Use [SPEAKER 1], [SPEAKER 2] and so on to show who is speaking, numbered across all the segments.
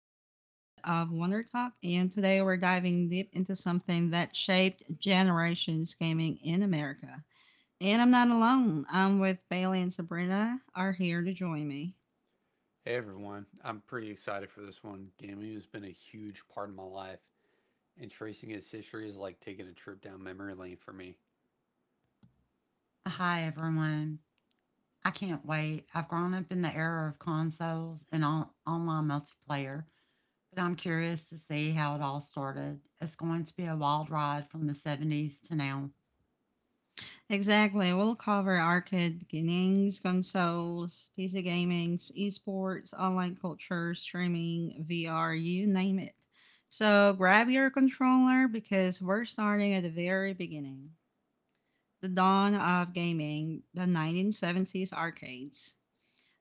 [SPEAKER 1] episode of Wonder Talk. And today we're diving deep into something that shaped generations gaming in America. And I'm not alone. I'm with Bailey and Sabrina are here to join me.
[SPEAKER 2] Hey everyone, I'm pretty excited for this one. Gaming has been a huge part of my life, and tracing its history is like taking a trip down memory lane for me.
[SPEAKER 3] Hi, everyone. I can't wait. I've grown up in the era of consoles and online multiplayer, but I'm curious to see how it all started. It's going to be a wild ride from the 70s to now.
[SPEAKER 1] Exactly. We'll cover arcade beginnings, consoles, PC gaming, esports, online culture, streaming, VR, you name it. So grab your controller because we're starting at the very beginning. The dawn of gaming, the 1970s arcades.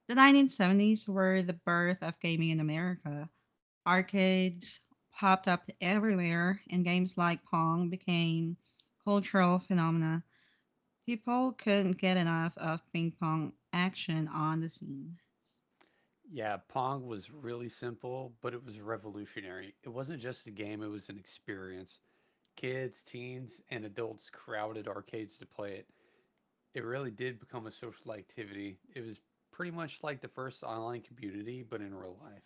[SPEAKER 1] The 1970s were the birth of gaming in America. Arcades popped up everywhere, and games like Pong became cultural phenomena. People couldn't get enough of ping pong action on the scene.
[SPEAKER 2] Yeah, Pong was really simple, but it was revolutionary. It wasn't just a game, it was an experience. Kids, teens, and adults crowded arcades to play it. It really did become a social activity. It was pretty much like the first online community, but in real life.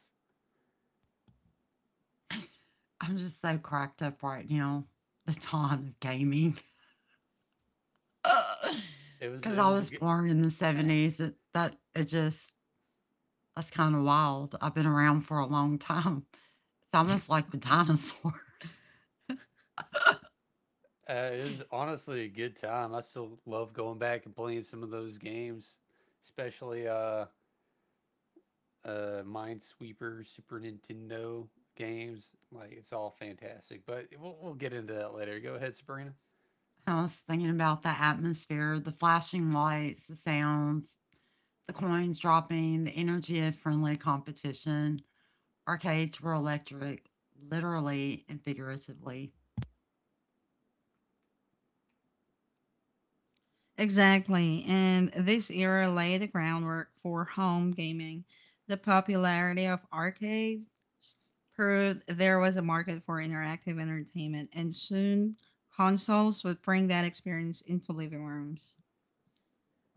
[SPEAKER 3] I'm just so cracked up right now. The dawn of gaming. Because
[SPEAKER 2] It
[SPEAKER 3] I
[SPEAKER 2] was a.
[SPEAKER 3] was born in the 70s. It, that, it just, that's kind of wild. I've been around for a long time. It's almost like the dinosaurs.
[SPEAKER 2] It was honestly a good time. I still love going back and playing some of those games, especially Minesweeper, Super Nintendo games. Like it's all fantastic. But we'll get into that later. Go ahead, Sabrina.
[SPEAKER 3] I was thinking about the atmosphere, the flashing lights, the sounds, the coins dropping, the energy of friendly competition. Arcades were electric, literally and figuratively.
[SPEAKER 1] Exactly. And this era laid the groundwork for home gaming. The popularity of arcades proved there was a market for interactive entertainment, and soon consoles would bring that experience into living rooms.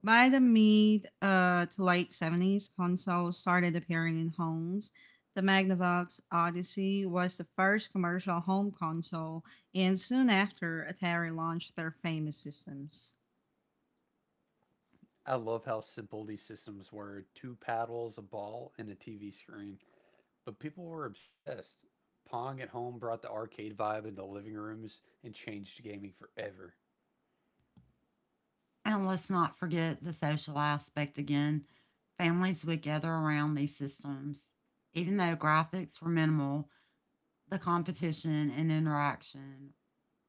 [SPEAKER 1] By the mid to late 70s, consoles started appearing in homes. The Magnavox Odyssey was the first commercial home console, and soon after, Atari launched their famous systems.
[SPEAKER 2] I love how simple these systems were: two paddles, a ball, and a TV screen. But people were obsessed. Pong at home brought the arcade vibe into living rooms and changed gaming forever.
[SPEAKER 3] And let's not forget the social aspect again. Families would gather around these systems. Even though graphics were minimal, the competition and interaction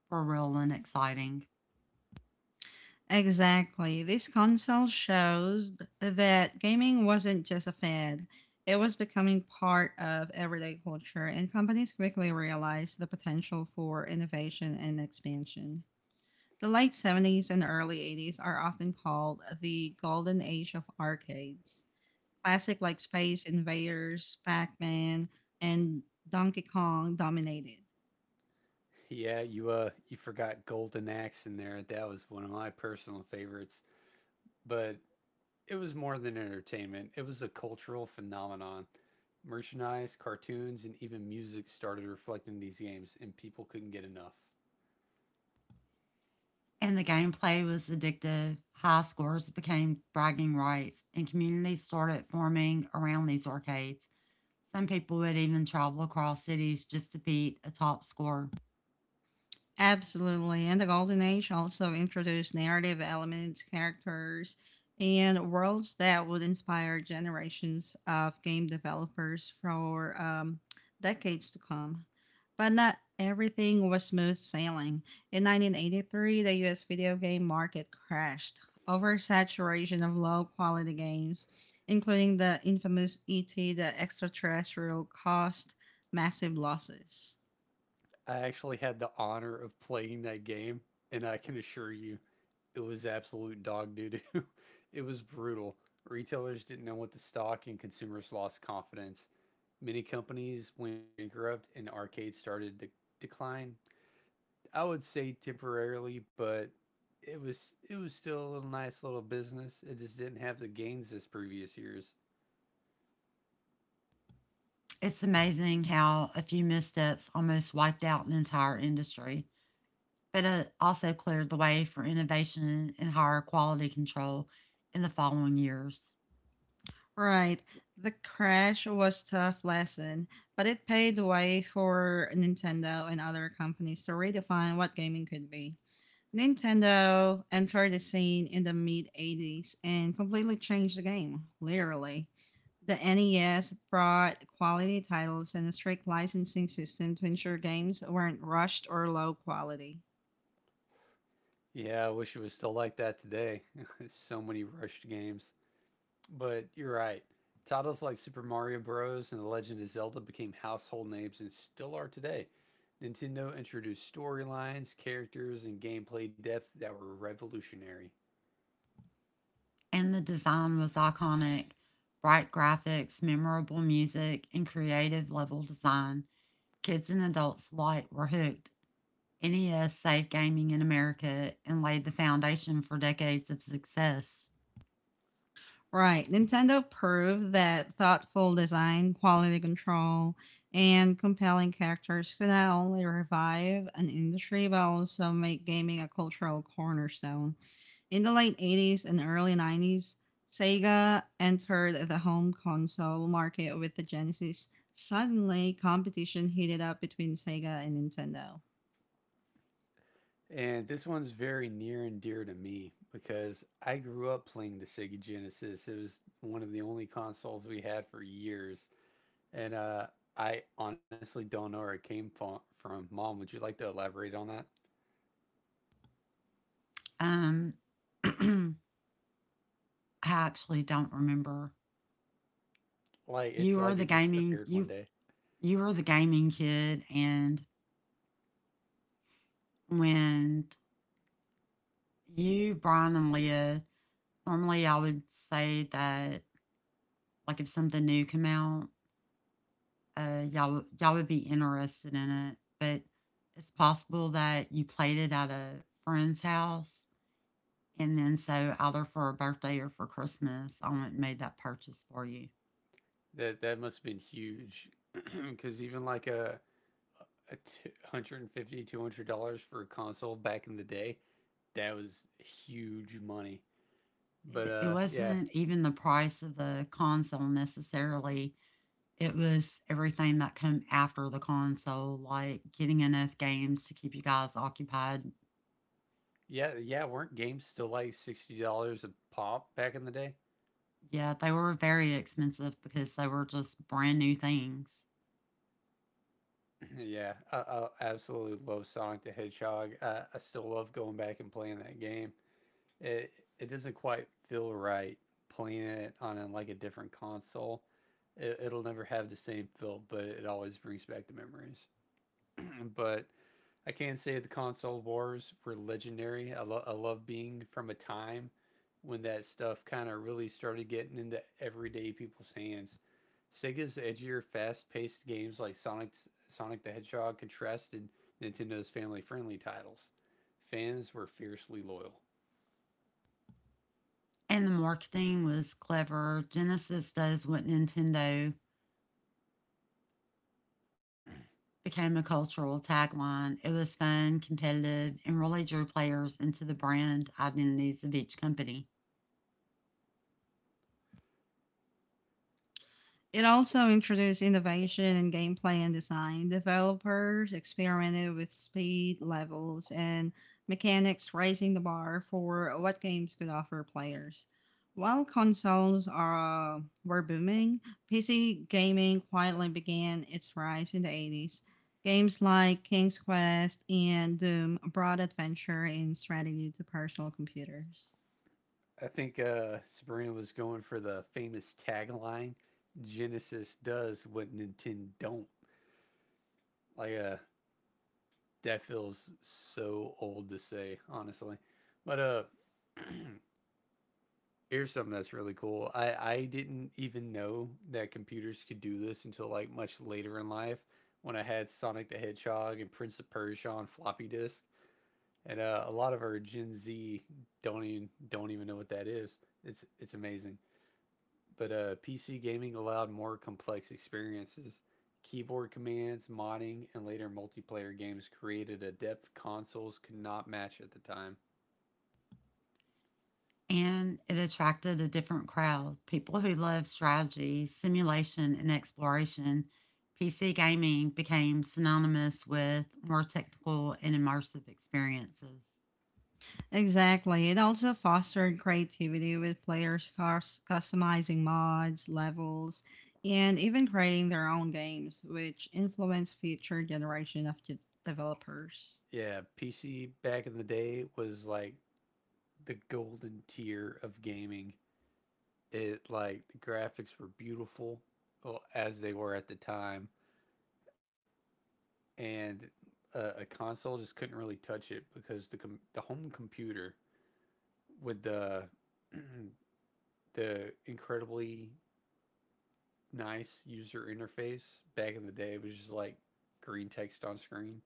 [SPEAKER 3] were real and exciting.
[SPEAKER 1] Exactly. This console shows that gaming wasn't just a fad, it was becoming part of everyday culture, and companies quickly realized the potential for innovation and expansion. The late 70s and early 80s are often called the golden age of arcades. Classic like Space Invaders, Pac Man, and Donkey Kong dominated.
[SPEAKER 2] Yeah, you forgot Golden Axe in there. That was one of my personal favorites, but it was more than entertainment. It was a cultural phenomenon. Merchandise, cartoons, and even music started reflecting these games, and people couldn't get enough.
[SPEAKER 3] And the gameplay was addictive. High scores became bragging rights, and communities started forming around these arcades. Some people would even travel across cities just to beat a top score.
[SPEAKER 1] Absolutely. And the Golden Age also introduced narrative elements, characters, and worlds that would inspire generations of game developers for decades to come. But not everything was smooth sailing. In 1983, the US video game market crashed. Oversaturation of low quality games, including the infamous ET, the extraterrestrial, caused massive losses.
[SPEAKER 2] I actually had the honor of playing that game, and I can assure you, it was absolute dog doo doo. It was brutal. Retailers didn't know what to stock, and consumers lost confidence. Many companies went bankrupt, and arcades started to decline. I would say temporarily, but it was still a little nice little business. It just didn't have the gains as previous years.
[SPEAKER 3] It's amazing how a few missteps almost wiped out an entire industry, but it also cleared the way for innovation and higher quality control in the following years.
[SPEAKER 1] Right. The crash was tough lesson, but it paved the way for Nintendo and other companies to redefine what gaming could be. Nintendo entered the scene in the mid 80s and completely changed the game, literally. The NES brought quality titles and a strict licensing system to ensure games weren't rushed or low quality.
[SPEAKER 2] Yeah, I wish it was still like that today. So many rushed games. But you're right. Titles like Super Mario Bros. And The Legend of Zelda became household names and still are today. Nintendo introduced storylines, characters, and gameplay depth that were revolutionary.
[SPEAKER 3] And the design was iconic, bright graphics, memorable music, and creative level design. Kids and adults alike were hooked. NES saved gaming in America and laid the foundation for decades of success.
[SPEAKER 1] Right. Nintendo proved that thoughtful design, quality control, and compelling characters could not only revive an industry but also make gaming a cultural cornerstone. In the late 80s and early 90s, Sega entered the home console market with the Genesis. Suddenly, competition heated up between Sega and Nintendo.
[SPEAKER 2] And this one's very near and dear to me because I grew up playing the Sega Genesis. It was one of the only consoles we had for years. And I honestly don't know where it came from. Mom, would you like to elaborate on that?
[SPEAKER 3] Um, I actually don't remember.
[SPEAKER 2] Like, it's
[SPEAKER 3] You were
[SPEAKER 2] like
[SPEAKER 3] the
[SPEAKER 2] it just
[SPEAKER 3] gaming
[SPEAKER 2] appeared one
[SPEAKER 3] you
[SPEAKER 2] day.
[SPEAKER 3] you were the gaming kid, and when you, Brian, and Leah, normally I would say that, like if something new came out, y'all would be interested in it, but it's possible that you played it at a friend's house. And then, so either for a birthday or for Christmas, I went and made that purchase for you.
[SPEAKER 2] That must have been huge, because even like a 150 $200 $200 for a console back in the day, that was huge money. But
[SPEAKER 3] It wasn't even the price of the console necessarily. It was everything that came after the console, like getting enough games to keep you guys occupied.
[SPEAKER 2] yeah, yeah. Weren't games still like $60 a pop back in the day?
[SPEAKER 3] Yeah, they were very expensive because they were just brand new things.
[SPEAKER 2] Yeah, I absolutely love Sonic the Hedgehog. I still love going back and playing that game. It it doesn't quite feel right playing it on like a different console. It'll never have the same feel, but it always brings back the memories. But I can say the console wars were legendary. I love being from a time when that stuff kind of really started getting into everyday people's hands. Sega's edgier, fast-paced games like Sonic the Hedgehog contrasted Nintendo's family-friendly titles. Fans were fiercely loyal.
[SPEAKER 3] And the marketing was clever. Genesis does what Nintendo became a cultural tagline. It was fun, competitive, and really drew players into the brand identities of each company.
[SPEAKER 1] It also introduced innovation in gameplay and design. Developers experimented with speed levels and mechanics, raising the bar for what games could offer players. While consoles are, were booming, PC gaming quietly began its rise in the 80s. Games like King's Quest and Doom brought adventure and strategy to personal computers.
[SPEAKER 2] I think Sabrina was going for the famous tagline: "Genesis does what Nintendo don't." Like, that feels so old to say, honestly. But here's something that's really cool. I didn't even know that computers could do this until like much later in life when I had Sonic the Hedgehog and Prince of Persia on floppy disk. And a lot of our Gen Z don't even know what that is. It's amazing. But PC gaming allowed more complex experiences. Keyboard commands, modding, and later multiplayer games created a depth consoles could not match at the time.
[SPEAKER 3] And it attracted a different crowd, people who love strategy, simulation, and exploration. PC gaming became synonymous with more technical and immersive experiences.
[SPEAKER 1] Exactly. It also fostered creativity with players customizing mods, levels, and even creating their own games, which influenced future generation of developers.
[SPEAKER 2] Yeah, PC back in the day was like the golden tier of gaming. It like the graphics were beautiful well, as they were at the time, and a console just couldn't really touch it because the home computer with the the incredibly nice user interface. Back in the day, it was just like green text on screen.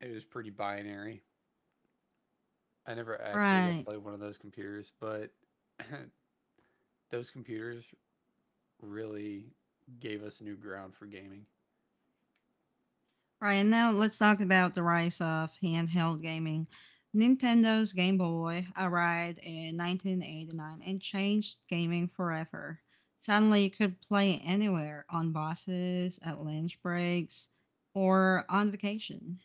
[SPEAKER 2] It was pretty binary. I never actually got to
[SPEAKER 1] Right.
[SPEAKER 2] play one of those computers, but those computers really gave us new ground for gaming.
[SPEAKER 1] Right. And now let's talk about the rise of handheld gaming. Nintendo's Game Boy arrived in 1989 and changed gaming forever. Suddenly, you could play anywhere on buses, at lunch breaks, or on vacation.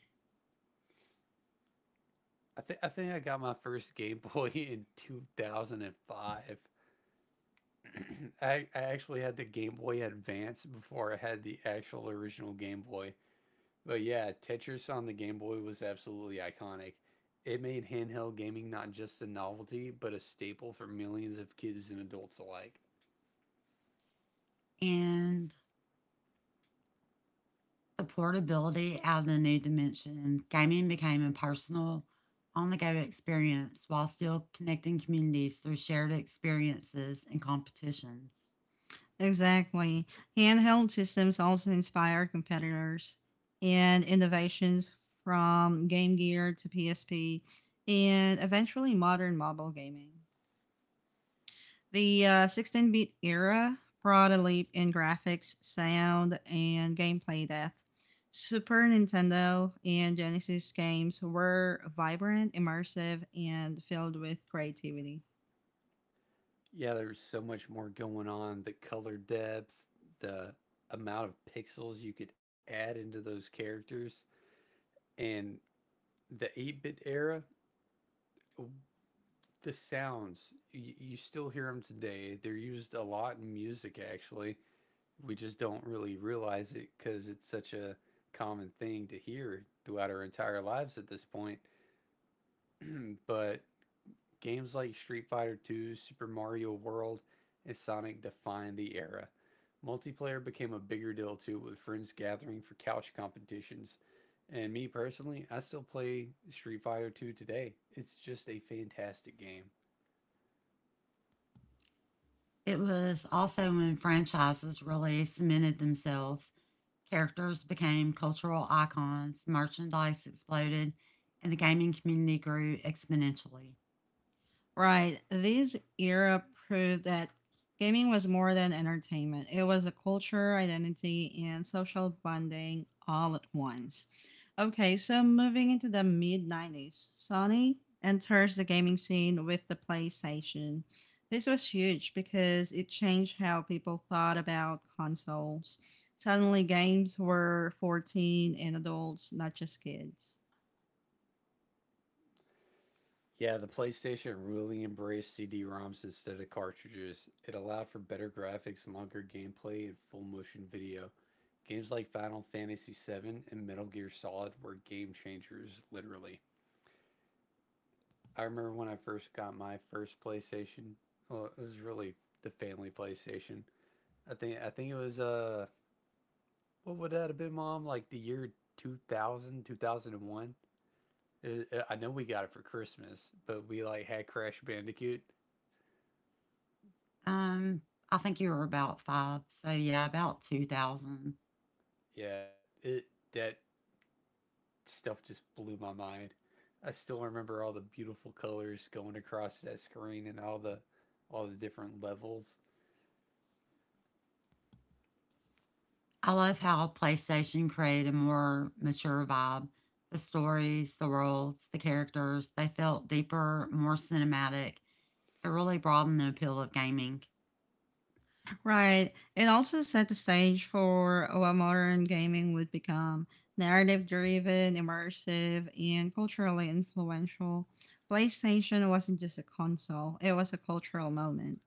[SPEAKER 2] I think I got my first Game Boy in 2005. I actually had the Game Boy Advance before I had the actual original Game Boy. But yeah, Tetris on the Game Boy was absolutely iconic. It made handheld gaming not just a novelty, but a staple for millions of kids and adults alike.
[SPEAKER 3] And the portability added a new dimension. Gaming became a personal, on the go experience while still connecting communities through shared experiences and competitions.
[SPEAKER 1] Exactly. Handheld systems also inspired competitors and innovations from Game Gear to PSP and eventually modern mobile gaming. The 16 bit era brought a leap in graphics, sound, and gameplay depth. Super Nintendo and Genesis games were vibrant, immersive, and filled with creativity.
[SPEAKER 2] Yeah, there's so much more going on the color depth, the amount of pixels you could add into those characters, and the 8 bit era, the sounds, you still hear them today. They're used a lot in music, actually. We just don't really realize it because it's such a common thing to hear throughout our entire lives at this point. But games like Street Fighter 2, Super Mario World, and Sonic defined the era. Multiplayer became a bigger deal too, with friends gathering for couch competitions. And me personally, I still play Street Fighter 2 today. It's just a fantastic game.
[SPEAKER 3] It was also when franchises really cemented themselves, characters became cultural icons, merchandise exploded, and the gaming community grew exponentially.
[SPEAKER 1] Right. This era proved that gaming was more than entertainment. It was a culture, identity, and social bonding all at once. Okay, so moving into the mid 90s, Sony enters the gaming scene with the PlayStation. This was huge because it changed how people thought about consoles. Suddenly, games were 14 and adults, not just kids.
[SPEAKER 2] Yeah, the PlayStation really embraced CD-ROMs instead of cartridges. It allowed for better graphics, longer gameplay, and full motion video. Games like Final Fantasy VII and Metal Gear Solid were game changers, literally. I remember when I first got my first PlayStation. Well, it was really the family PlayStation. I think it was what would that have been, Mom? Like the year 2000, 2001. It- I know we got it for Christmas, but we like had Crash Bandicoot.
[SPEAKER 3] Um, I think you were about five, so yeah, about 2000.
[SPEAKER 2] Yeah, it, that stuff just blew my mind. I still remember all the beautiful colors going across that screen and all the different levels.
[SPEAKER 3] I love how PlayStation created a more mature vibe. The stories, the worlds, the characters, they felt deeper, more cinematic. It really broadened the appeal of gaming.
[SPEAKER 1] Right. It also set the stage for what modern gaming would become narrative driven, immersive, and culturally influential. PlayStation wasn't just a console, it was a cultural moment.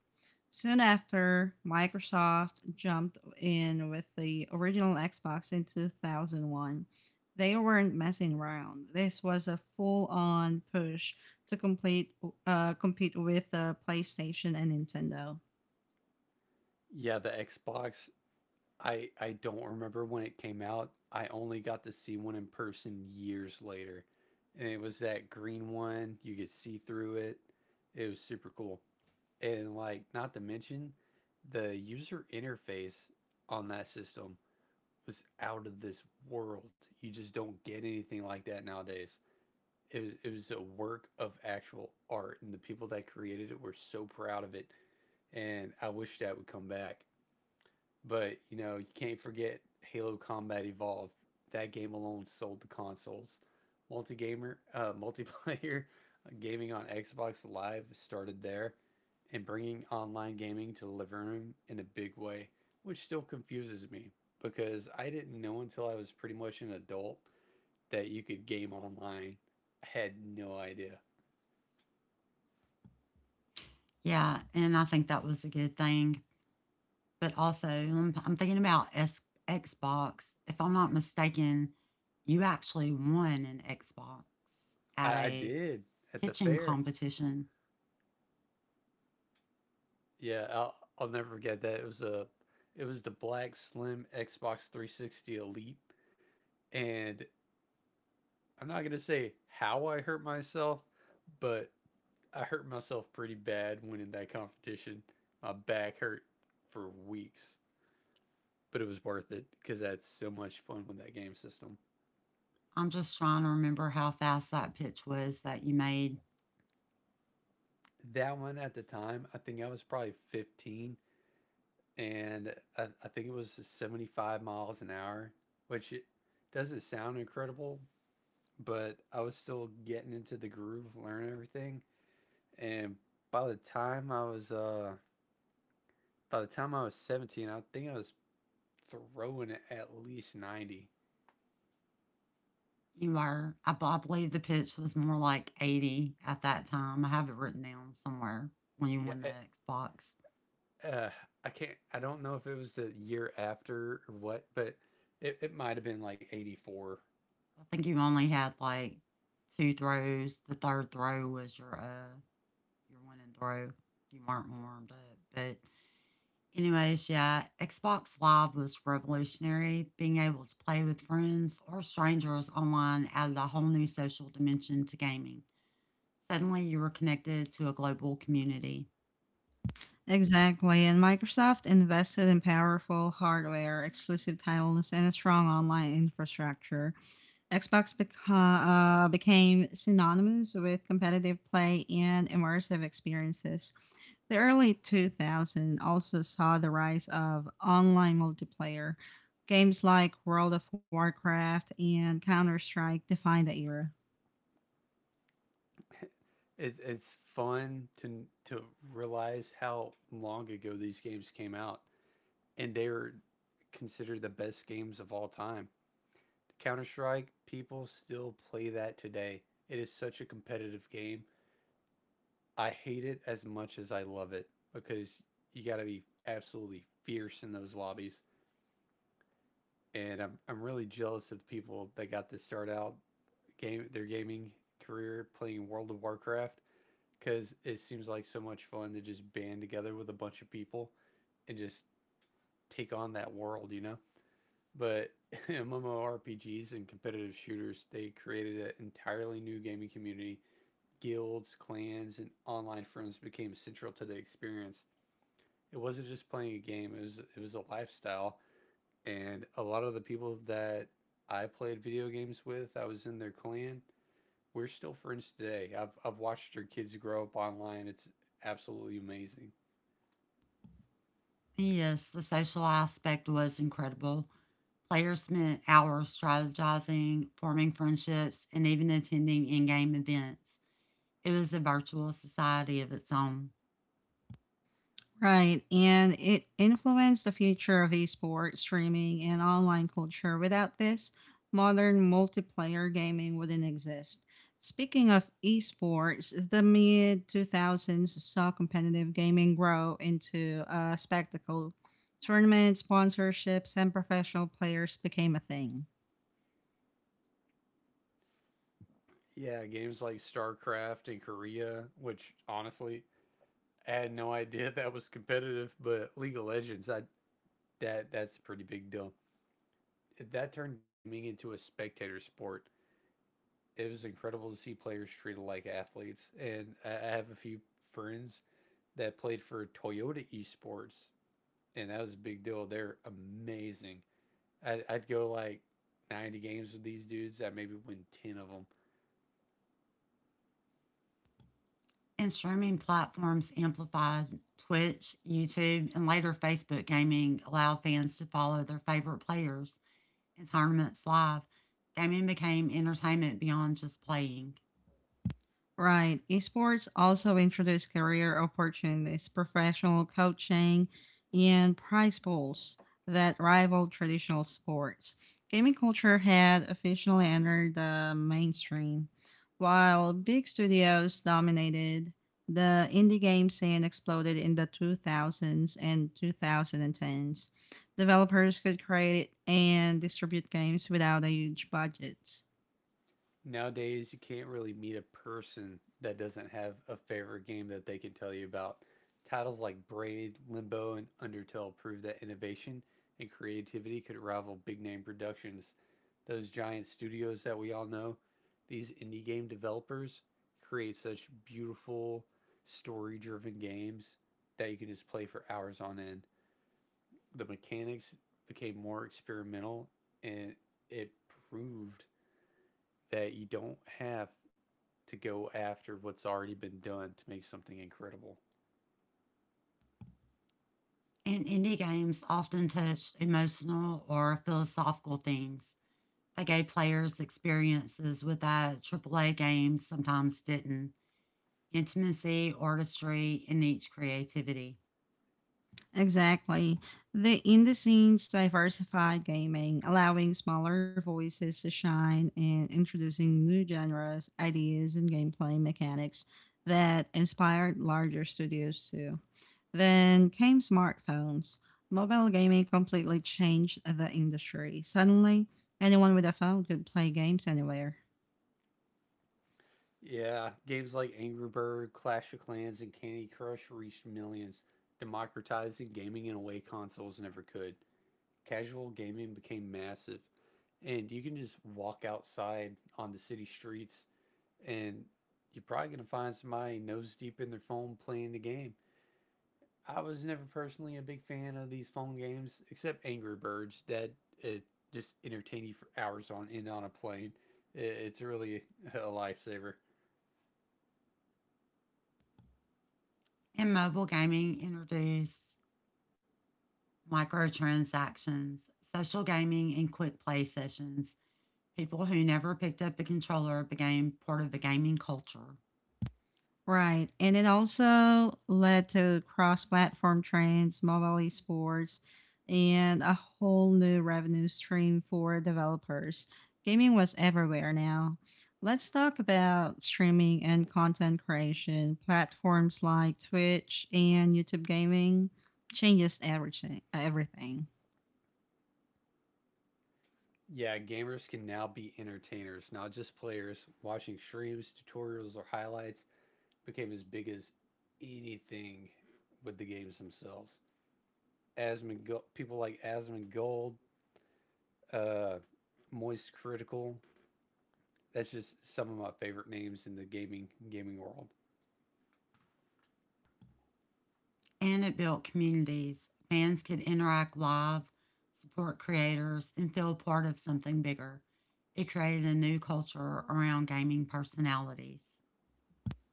[SPEAKER 1] Soon after, Microsoft jumped in with the original Xbox in 2001. They weren't messing around. This was a full on push to complete, compete with PlayStation and Nintendo.
[SPEAKER 2] Yeah, the Xbox. I don't remember when it came out. I only got to see one in person years later, and it was that green one. You could see through it. It was super cool. And like, not to mention, the user interface on that system was out of this world. You just don't get anything like that nowadays. It was a work of actual art, and the people that created it were so proud of it. And I wish that would come back. But you know, you can't forget Halo Combat Evolved. That game alone sold the consoles. Multiplayer gaming on Xbox Live started there, and bringing online gaming to the living room in a big way, which still confuses me because I didn't know until I was pretty much an adult that you could game online. I had no idea.
[SPEAKER 3] Yeah, and I think that was a good thing. But also, I'm thinking about Xbox. If I'm not mistaken, you actually won an Xbox at
[SPEAKER 2] I
[SPEAKER 3] a
[SPEAKER 2] did at the
[SPEAKER 3] pitching
[SPEAKER 2] fair.
[SPEAKER 3] competition.
[SPEAKER 2] Yeah, I'll never forget that. It was the Black Slim Xbox 360 Elite, and I'm not gonna say how I hurt myself, but I hurt myself pretty bad winning that competition. My back hurt for weeks, but it was worth it because I had so much fun with that game system.
[SPEAKER 3] I'm just trying to remember how fast that pitch was that you made.
[SPEAKER 2] That one at the time, I think I was probably 15, and I think it was 75 miles an hour, which it doesn't sound incredible, but I was still getting into the groove, learning everything. And by the time I was uh by the time I was 17, I think I was throwing it at least 90.
[SPEAKER 3] You were. I believe the pitch was more like 80 at that time. I have it written down somewhere when you
[SPEAKER 2] Yeah,
[SPEAKER 3] won the Xbox.
[SPEAKER 2] uh I don't know if it was the year after or what, but it might have been like 84.
[SPEAKER 3] I think you only had like two throws. The third throw was your winning throw. You weren't warmed up. But anyways, yeah, Xbox Live was revolutionary. Being able to play with friends or strangers online added a whole new social dimension to gaming. Suddenly you were connected to a global community.
[SPEAKER 1] Exactly, and Microsoft invested in powerful hardware, exclusive titles, and a strong online infrastructure. Xbox became synonymous with competitive play and immersive experiences. The early 2000s also saw the rise of online multiplayer. Games like World of Warcraft and Counter Strike defined the era.
[SPEAKER 2] it, it's fun to realize how long ago these games came out and they were considered the best games of all time. Counter Strike, people still play that today. It is such a competitive game. I hate it as much as I love it because you got to be absolutely fierce in those lobbies. And I'm really jealous of the people that got to start out game their gaming career playing World of Warcraft because it seems like so much fun to just band together with a bunch of people and just take on that world, you know? But MMORPGs and competitive shooters, they created an entirely new gaming community guilds, clans, and online friends became central to the experience. It wasn't just playing a game; it was a lifestyle. And a lot of the people that I played video games with, I was in their clan. We're still friends today. I've watched their kids grow up online. It's absolutely amazing.
[SPEAKER 3] Yes, the social aspect was incredible. Players spent hours strategizing, forming friendships, and even attending in game events. It was a virtual society of its own.
[SPEAKER 1] Right, and it influenced the future of esports, streaming, and online culture. Without this, modern multiplayer gaming wouldn't exist. Speaking of esports, the mid 2000s saw competitive gaming grow into a spectacle. Tournaments, sponsorships, and professional players became a thing.
[SPEAKER 2] Yeah, games like StarCraft and Korea, which honestly I had no idea that was competitive, but League of Legends, I that that's a pretty big deal. That turned gaming into a spectator sport it was incredible to see players treated like athletes. And I have a few friends that played for Toyota Esports, and that was a big deal. They're amazing. I'd go like 90 games with these dudes. I maybe win 10 of them.
[SPEAKER 3] And streaming platforms amplified Twitch, YouTube, and later Facebook gaming allowed fans to follow their favorite players and tournaments live. Gaming became entertainment beyond just playing.
[SPEAKER 1] Right. Esports also introduce career opportunities, professional coaching, and prize pools that rival traditional sports. Gaming culture had officially entered the mainstream. While big studios dominated, the indie game scene exploded in the 2000s and 2010s. Developers could create and distribute games without a huge budget.
[SPEAKER 2] Nowadays you can't really meet a person that doesn't have a favorite game that they can tell you about. Titles like Braid, Limbo, and Undertale prove that innovation and creativity could rival big name productions. Those giant studios that we all know, these indie game developers create such beautiful, story driven games that you can just play for hours on end. The mechanics became more experimental and it proved that you don't have to go after what's already been done to make something incredible.
[SPEAKER 3] And indie games often touched emotional or philosophical themes. They gave players experiences with that AAA games sometimes didn't. Intimacy, artistry, and niche creativity.
[SPEAKER 1] Exactly. The in scenes diversified gaming, allowing smaller voices to shine and introducing new genres, ideas, and gameplay mechanics that inspired larger studios too. Then came smartphones. Mobile gaming completely changed the industry. Suddenly, anyone with a phone could play games anywhere.
[SPEAKER 2] Yeah, games like Angry Bird, Clash of Clans, and Candy Crush reached millions, democratizing gaming in a way consoles never could. Casual gaming became massive, and you can just walk outside on the city streets and you're probably going to find somebody nose deep in their phone playing the game. I was never personally a big fan of these phone games, except Angry Birds that it just entertain you for hours on end on a plane. It's really a lifesaver.
[SPEAKER 3] In mobile gaming, introduced microtransactions, social gaming, and quick play sessions. People who never picked up a controller became part of the gaming culture.
[SPEAKER 1] Right. And it also led to cross platform trends, mobile esports, and a whole new revenue stream for developers. Gaming was everywhere now. Let's talk about streaming and content creation. Platforms like Twitch and YouTube gaming changes everything.
[SPEAKER 2] Yeah, gamers can now be entertainers, not just players. Watching streams, tutorials, or highlights became as big as anything with the games themselves. People like Asmund Gold, uh, Moist Critical. That's just some of my favorite names in the gaming world.
[SPEAKER 3] And it built communities. Fans could interact live, support creators, and feel part of something bigger. It created a new culture around gaming personalities.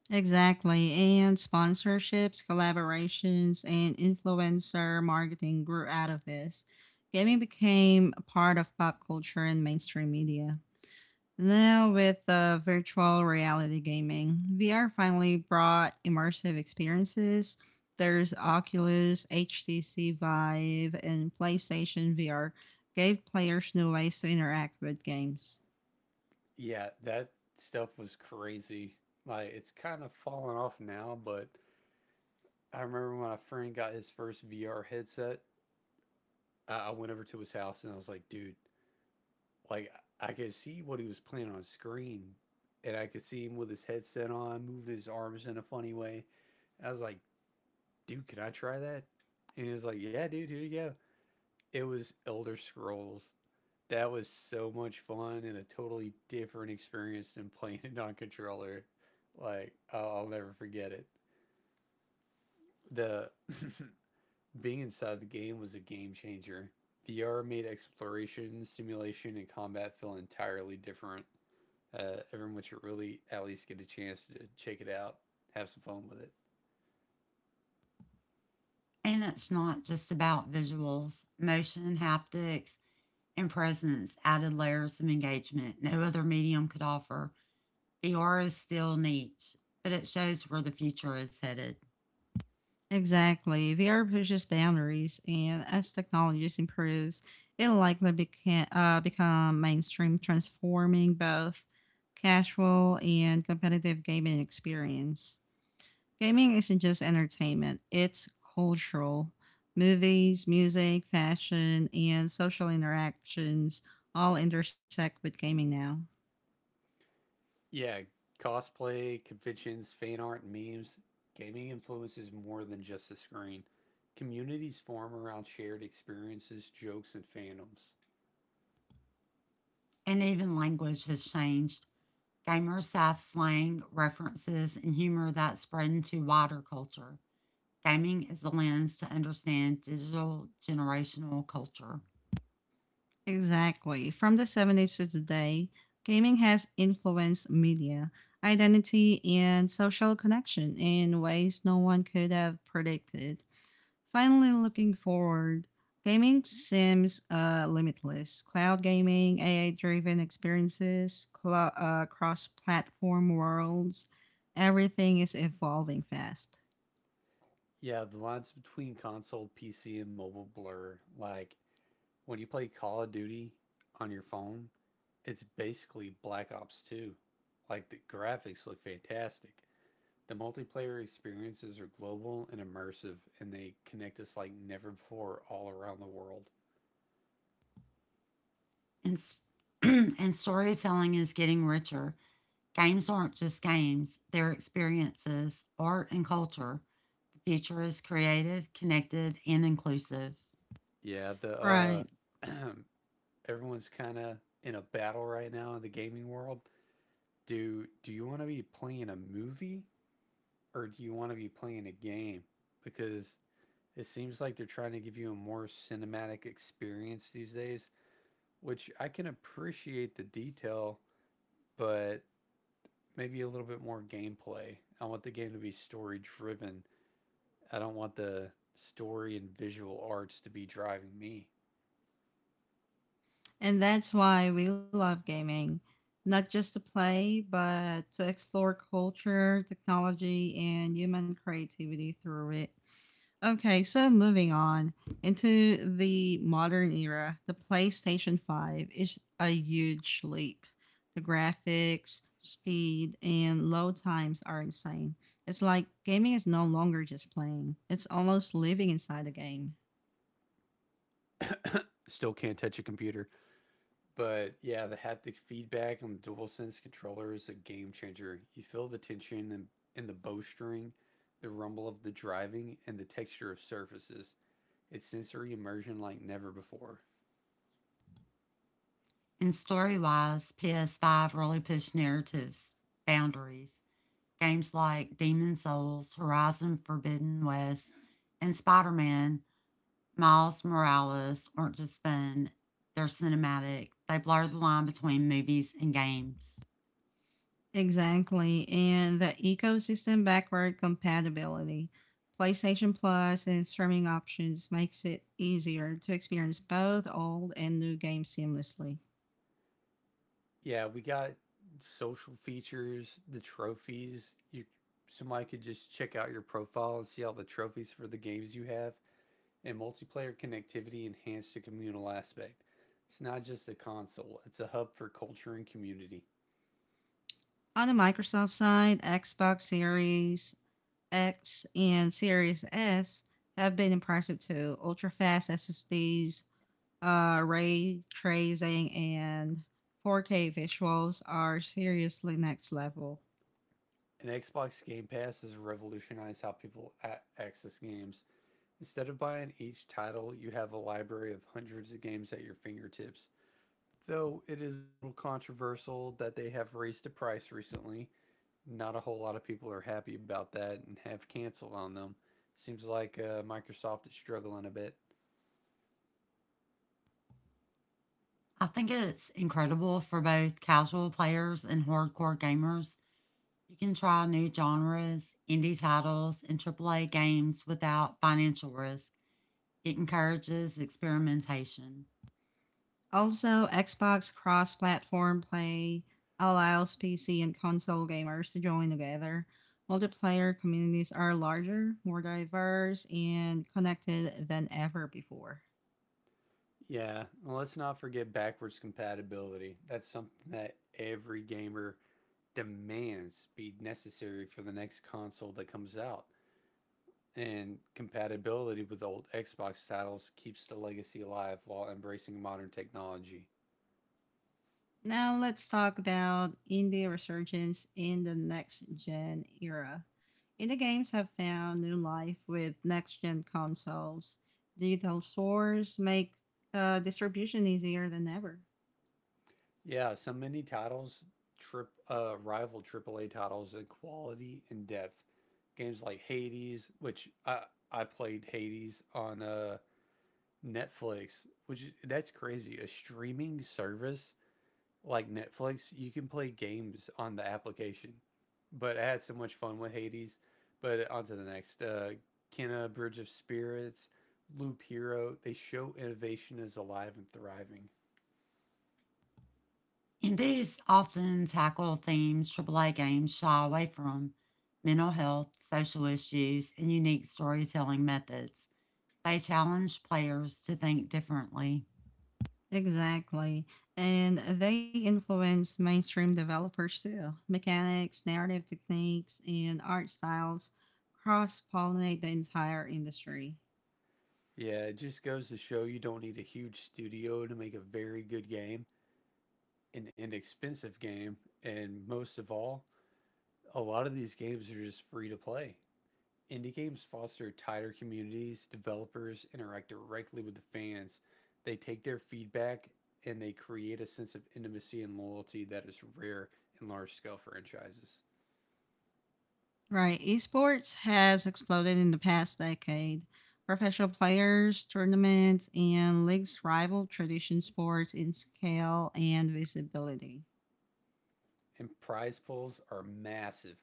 [SPEAKER 1] Exactly. And sponsorships, collaborations, and influencer marketing grew out of this. Gaming became a part of pop culture and mainstream media. Now, with virtual reality gaming, VR finally brought immersive experiences. There's Oculus, HTC Vive, and PlayStation VR gave players new ways to interact with games.
[SPEAKER 2] Yeah, that stuff was crazy. Like it's kind of fallen off now, but I remember when my friend got his first VR headset, I went over to his house and I was like, dude, like I could see what he was playing on screen, and I could see him with his headset on, moving his arms in a funny way. I was like, dude, can I try that? And he was like, yeah, dude, here you go. It was Elder Scrolls that was so much fun and a totally different experience than playing it on controller. Like I'll never forget it. The being inside the game was a game changer. VR made exploration, simulation, and combat feel entirely different. Everyone should really at least get a chance to check it out, have some fun with it.
[SPEAKER 3] And it's not just about visuals. Motion, haptics, and presence added layers of engagement no other medium could offer. VR is still niche, but it shows where the future is headed.
[SPEAKER 1] Exactly. VR pushes boundaries, and as technology improves, it'll likely become mainstream, transforming both casual and competitive gaming experience. Gaming isn't just entertainment, it's cultural. Movies, music, fashion, and social interactions all intersect with gaming now.
[SPEAKER 2] Yeah, cosplay, conventions, fan art, and memes. Gaming influences more than just the screen. Communities form around shared experiences, jokes, and fandoms.
[SPEAKER 3] And even language has changed. Gamers have slang, references, and humor that spread into wider culture. Gaming is the lens to understand digital generational culture.
[SPEAKER 1] Exactly. From the 70s to today, gaming has influenced media, identity, and social connection in ways no one could have predicted. Finally, looking forward, gaming seems limitless. Cloud gaming, AI driven experiences, cross platform worlds, everything is evolving fast.
[SPEAKER 2] Yeah, the lines between console, PC, and mobile blur. Like, when you play Call of Duty on your phone, it's basically Black Ops 2. Like, the graphics look fantastic. The multiplayer experiences are global and immersive, and they connect us like never before all around the world.
[SPEAKER 3] And, and storytelling is getting richer. Games aren't just games, they're experiences, art, and culture. The future is creative, connected, and inclusive.
[SPEAKER 2] Yeah, the
[SPEAKER 1] Right.
[SPEAKER 2] everyone's kind of in a battle right now in the gaming world. Do you want to be playing a movie or do you want to be playing a game? Because it seems like they're trying to give you a more cinematic experience these days, which I can appreciate the detail, but maybe a little bit more gameplay. I want the game to be story driven. I don't want the story and visual arts to be driving me.
[SPEAKER 1] And that's why we love gaming, not just to play, but to explore culture, technology, and human creativity through it. Okay, so moving on into the modern era, the PlayStation 5 is a huge leap. The graphics, speed, and load times are insane. It's like gaming is no longer just playing, it's almost living inside the game.
[SPEAKER 2] Still can't touch a computer. But yeah, the haptic feedback on the DualSense controller is a game changer. You feel the tension in the bowstring, the rumble of the driving, and the texture of surfaces. It's sensory immersion like never before.
[SPEAKER 3] And story wise, PS5 really pushed narratives, boundaries. Games like Demon Souls, Horizon Forbidden West, and Spider Man, Miles Morales aren't just fun, they're cinematic. They blur the line between movies and games.
[SPEAKER 1] Exactly. And the ecosystem backward compatibility. PlayStation Plus and streaming options makes it easier to experience both old and new games seamlessly.
[SPEAKER 2] Yeah, we got social features, the trophies. You Somebody could just check out your profile and see all the trophies for the games you have, and multiplayer connectivity enhanced the communal aspect. It's not just a console, it's a hub for culture and community.
[SPEAKER 1] On the Microsoft side, Xbox Series X and Series S have been impressive too. Ultra fast SSDs, ray tracing, and 4K visuals are seriously next level.
[SPEAKER 2] An Xbox Game Pass has revolutionized how people access games. Instead of buying each title, you have a library of hundreds of games at your fingertips. Though it is a little controversial that they have raised the price recently, not a whole lot of people are happy about that and have canceled on them. Seems like Microsoft is struggling a bit.
[SPEAKER 3] I think it's incredible for both casual players and hardcore gamers. You can try new genres, indie titles, and AAA games without financial risk. It encourages experimentation.
[SPEAKER 1] Also, Xbox cross platform play allows PC and console gamers to join together. Multiplayer communities are larger, more diverse, and connected than ever before.
[SPEAKER 2] Yeah, and let's not forget backwards compatibility. That's something that every gamer demands be necessary for the next console that comes out. And compatibility with old Xbox titles keeps the legacy alive while embracing modern technology.
[SPEAKER 1] Now, let's talk about indie resurgence in the next gen era. Indie games have found new life with next gen consoles. Digital stores make distribution easier than ever.
[SPEAKER 2] Yeah, so many titles trip rival AAA titles in quality and depth. Games like Hades, which I played Hades on Netflix, which is, that's crazy. A streaming service like Netflix, you can play games on the application. But I had so much fun with Hades. But on to the next. Kenna, Bridge of Spirits, Loop Hero, they show innovation is alive and thriving.
[SPEAKER 3] Indies often tackle themes AAA games shy away from, mental health, social issues, and unique storytelling methods. They challenge players to think differently.
[SPEAKER 1] Exactly. And they influence mainstream developers too. Mechanics, narrative techniques, and art styles cross pollinate the entire industry.
[SPEAKER 2] Yeah, it just goes to show you don't need a huge studio to make a very good game, an inexpensive game, and most of all, a lot of these games are just free to play. Indie games foster tighter communities. Developers interact directly with the fans. They take their feedback and they create a sense of intimacy and loyalty that is rare in large scale franchises.
[SPEAKER 1] Right. Esports has exploded in the past decade. Professional players, tournaments, and leagues rival tradition sports in scale and visibility.
[SPEAKER 2] And prize pools are massive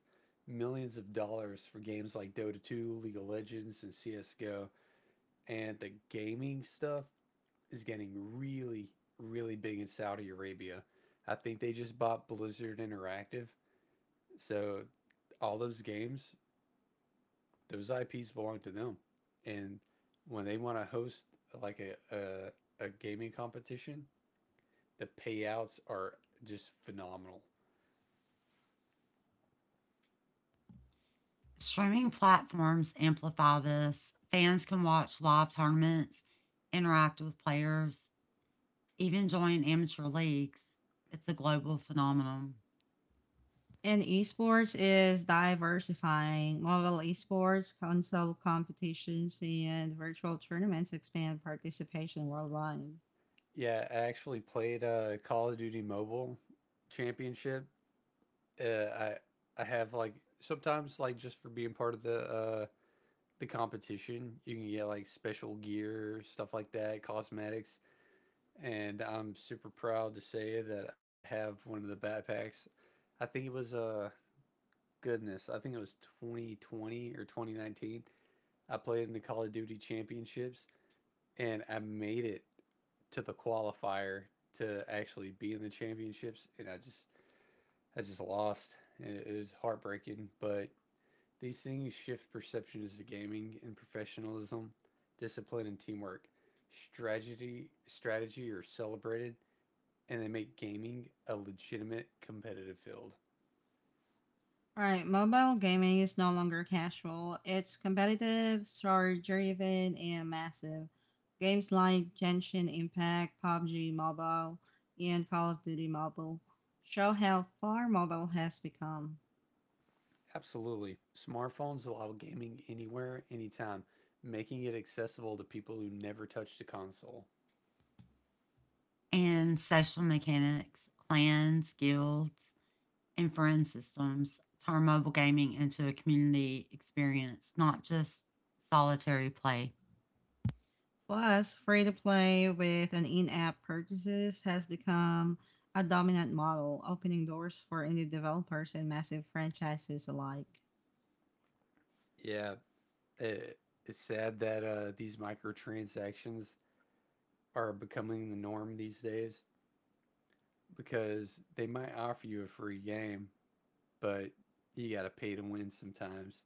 [SPEAKER 2] millions of dollars for games like Dota 2, League of Legends, and CSGO. And the gaming stuff is getting really, really big in Saudi Arabia. I think they just bought Blizzard Interactive. So all those games those IPs belong to them, and when they want to host like a gaming competition, the payouts are just phenomenal.
[SPEAKER 3] Streaming platforms amplify this. Fans can watch live tournaments, interact with players, even join amateur leagues. It's a global phenomenon.
[SPEAKER 1] And esports is diversifying. Mobile esports, console competitions, and virtual tournaments expand participation worldwide.
[SPEAKER 2] Yeah, I actually played Call of Duty Mobile Championship. Uh, I I have like sometimes like just for being part of the competition, you can get like special gear, stuff like that, cosmetics, and I'm super proud to say that I have one of the backpacks. I think it was goodness, I think it was 2020 or 2019. I played in the Call of Duty Championships and I made it to the qualifier to actually be in the championships and I just lost and it was heartbreaking, but these things shift perceptions to gaming and professionalism, discipline and teamwork. Strategy are celebrated and they make gaming a legitimate competitive field.
[SPEAKER 1] All right, mobile gaming is no longer casual. It's competitive, story driven, and massive. Games like Genshin Impact, PUBG Mobile, and Call of Duty Mobile show how far mobile has become.
[SPEAKER 2] Absolutely. Smartphones allow gaming anywhere, anytime, making it accessible to people who never touched a console.
[SPEAKER 3] And social mechanics, clans, guilds, and friend systems turn mobile gaming into a community experience, not just solitary play.
[SPEAKER 1] Plus, free to play with an in app purchases has become a dominant model, opening doors for indie developers and massive franchises alike.
[SPEAKER 2] Yeah, it, it's sad that these microtransactions are becoming the norm these days because they might offer you a free game, but you got to pay to win sometimes.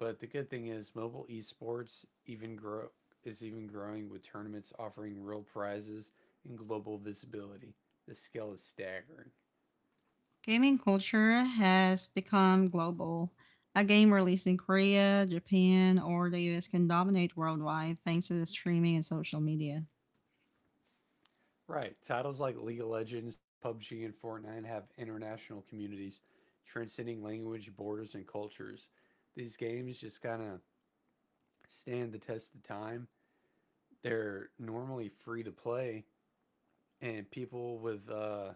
[SPEAKER 2] But the good thing is, mobile esports even growing with tournaments offering real prizes and global visibility. The scale is staggering.
[SPEAKER 1] Gaming culture has become global. A game released in Korea, Japan, or the US can dominate worldwide thanks to the streaming and social media.
[SPEAKER 2] Right. Titles like League of Legends, PUBG, and Fortnite have international communities transcending language, borders, and cultures. These games just kind of stand the test of time. They're normally free to play, and people with,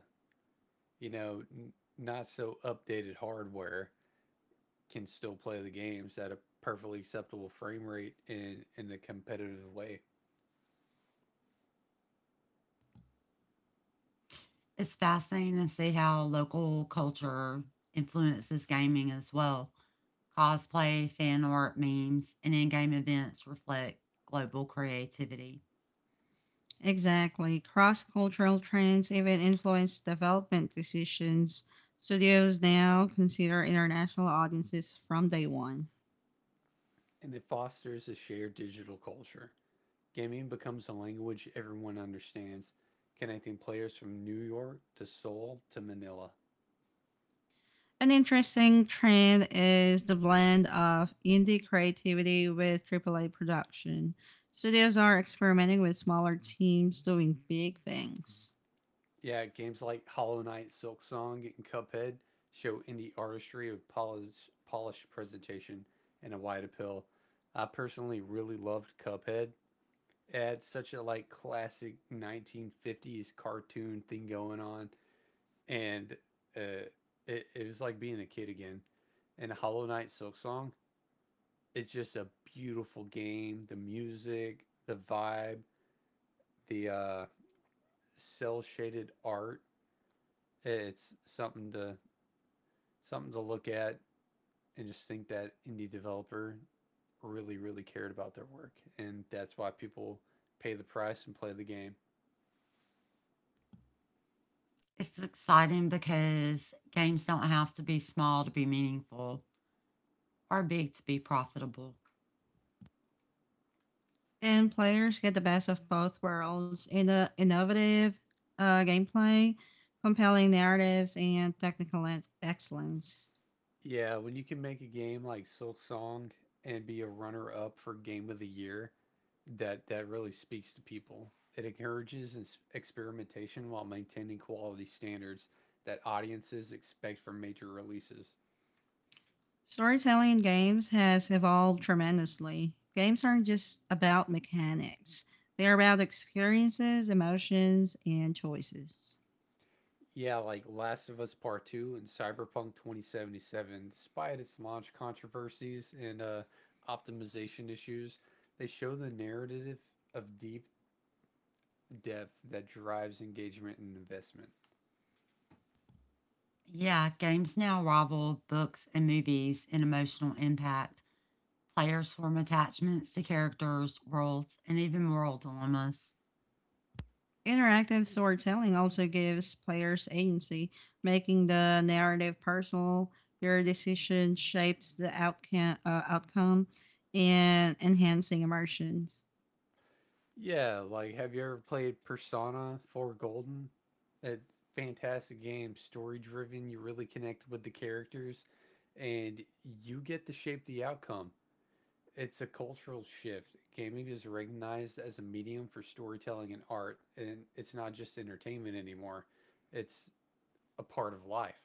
[SPEAKER 2] you know, n- not so updated hardware can still play the games at a perfectly acceptable frame rate in a competitive way.
[SPEAKER 3] It's fascinating to see how local culture influences gaming as well. Cosplay, fan art, memes, and in game events reflect global creativity.
[SPEAKER 1] Exactly. Cross cultural trends even influence development decisions. Studios now consider international audiences from day one.
[SPEAKER 2] And it fosters a shared digital culture. Gaming becomes a language everyone understands, connecting players from New York to Seoul to Manila.
[SPEAKER 1] An interesting trend is the blend of indie creativity with AAA production. Studios are experimenting with smaller teams doing big things.
[SPEAKER 2] Yeah, games like Hollow Knight, Silk Song, and Cuphead show indie artistry of polished presentation and a wide appeal. I personally really loved Cuphead. It had such a like classic 1950s cartoon thing going on, and uh, it was like being a kid again. And Hollow Knight Silk Song it's just a beautiful game. The music, the vibe, the cel shaded art. It's something to look at and just think that indie developer really really cared about their work and that's why people pay the price and play the game.
[SPEAKER 3] It's exciting because games don't have to be small to be meaningful. Are big to be profitable.
[SPEAKER 1] And players get the best of both worlds in the innovative gameplay, compelling narratives, and technical excellence.
[SPEAKER 2] Yeah, when you can make a game like Silk Song and be a runner up for game of the year, that really speaks to people. It encourages experimentation while maintaining quality standards that audiences expect from major releases.
[SPEAKER 1] Storytelling in games has evolved tremendously. Games aren't just about mechanics, they are about experiences, emotions, and choices.
[SPEAKER 2] Yeah, like Last of Us Part 2 and Cyberpunk 2077, despite its launch controversies and optimization issues, they show the narrative of deep depth that drives engagement and investment.
[SPEAKER 3] Yeah, games now rival books and movies in emotional impact. Players form attachments to characters, worlds, and even moral dilemmas.
[SPEAKER 1] Interactive storytelling also gives players agency, making the narrative personal. Your decision shapes the outcome and enhancing immersions.
[SPEAKER 2] Yeah, like have you ever played Persona 4 Golden? That fantastic game, story driven, you really connect with the characters and you get to shape the outcome. It's a cultural shift. Gaming is recognized as a medium for storytelling and art, and it's not just entertainment anymore. It's a part of life.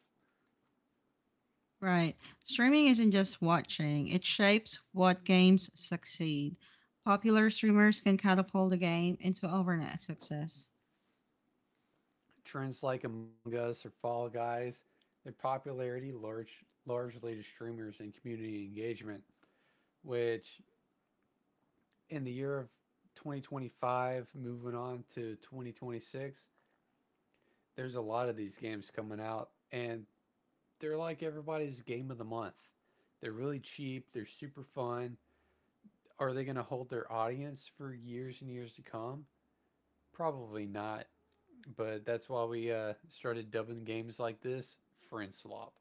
[SPEAKER 1] Right. Streaming isn't just watching, it shapes what games succeed. Popular streamers can catapult a game into overnight success.
[SPEAKER 2] Trends like Among Us or Fall Guys, their popularity largely to streamers and community engagement, which in the year of 2025 moving on to 2026 there's a lot of these games coming out and they're like everybody's game of the month. They're really cheap, they're super fun. Are they going to hold their audience for years and years to come? Probably not, but that's why we started dubbing games like this friend slop.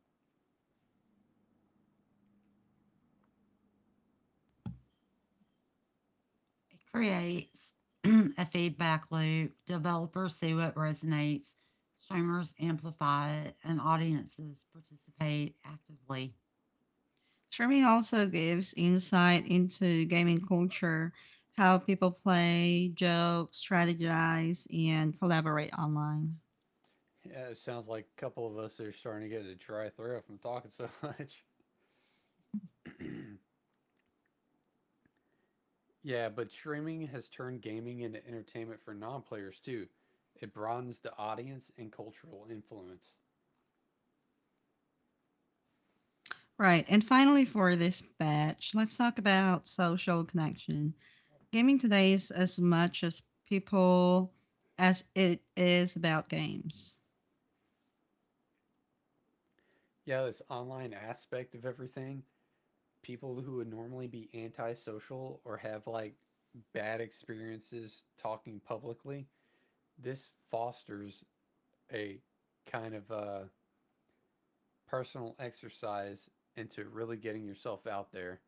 [SPEAKER 3] It creates a feedback loop. Developers see what resonates, streamers amplify it, and audiences participate actively.
[SPEAKER 1] Streaming also gives insight into gaming culture, how people play, joke, strategize, and collaborate online.
[SPEAKER 2] Yeah, it sounds like a couple of us are starting to get a dry throat from talking so much yeah, but streaming has turned gaming into entertainment for non players too. It broadens the audience and cultural influence.
[SPEAKER 1] Right. And finally, for this batch, let's talk about social connection. Gaming today is as much as people as it is about games.
[SPEAKER 2] Yeah, this online aspect of everything, people who would normally be antisocial or have like bad experiences talking publicly, this fosters a kind of personal exercise into really getting yourself out there.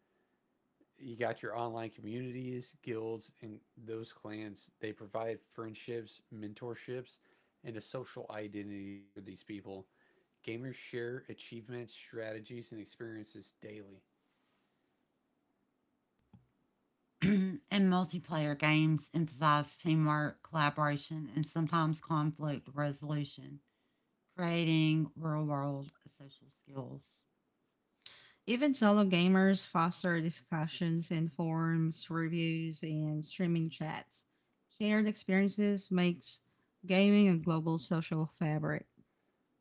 [SPEAKER 2] You got your online communities, guilds, and those clans. They provide friendships, mentorships, and a social identity for these people. Gamers share achievements, strategies, and experiences daily.
[SPEAKER 3] And multiplayer games emphasize teamwork, collaboration, and sometimes conflict resolution. Creating real world social skills.
[SPEAKER 1] Even solo gamers foster discussions in forums, reviews, and streaming chats. Shared experiences makes gaming a global social fabric.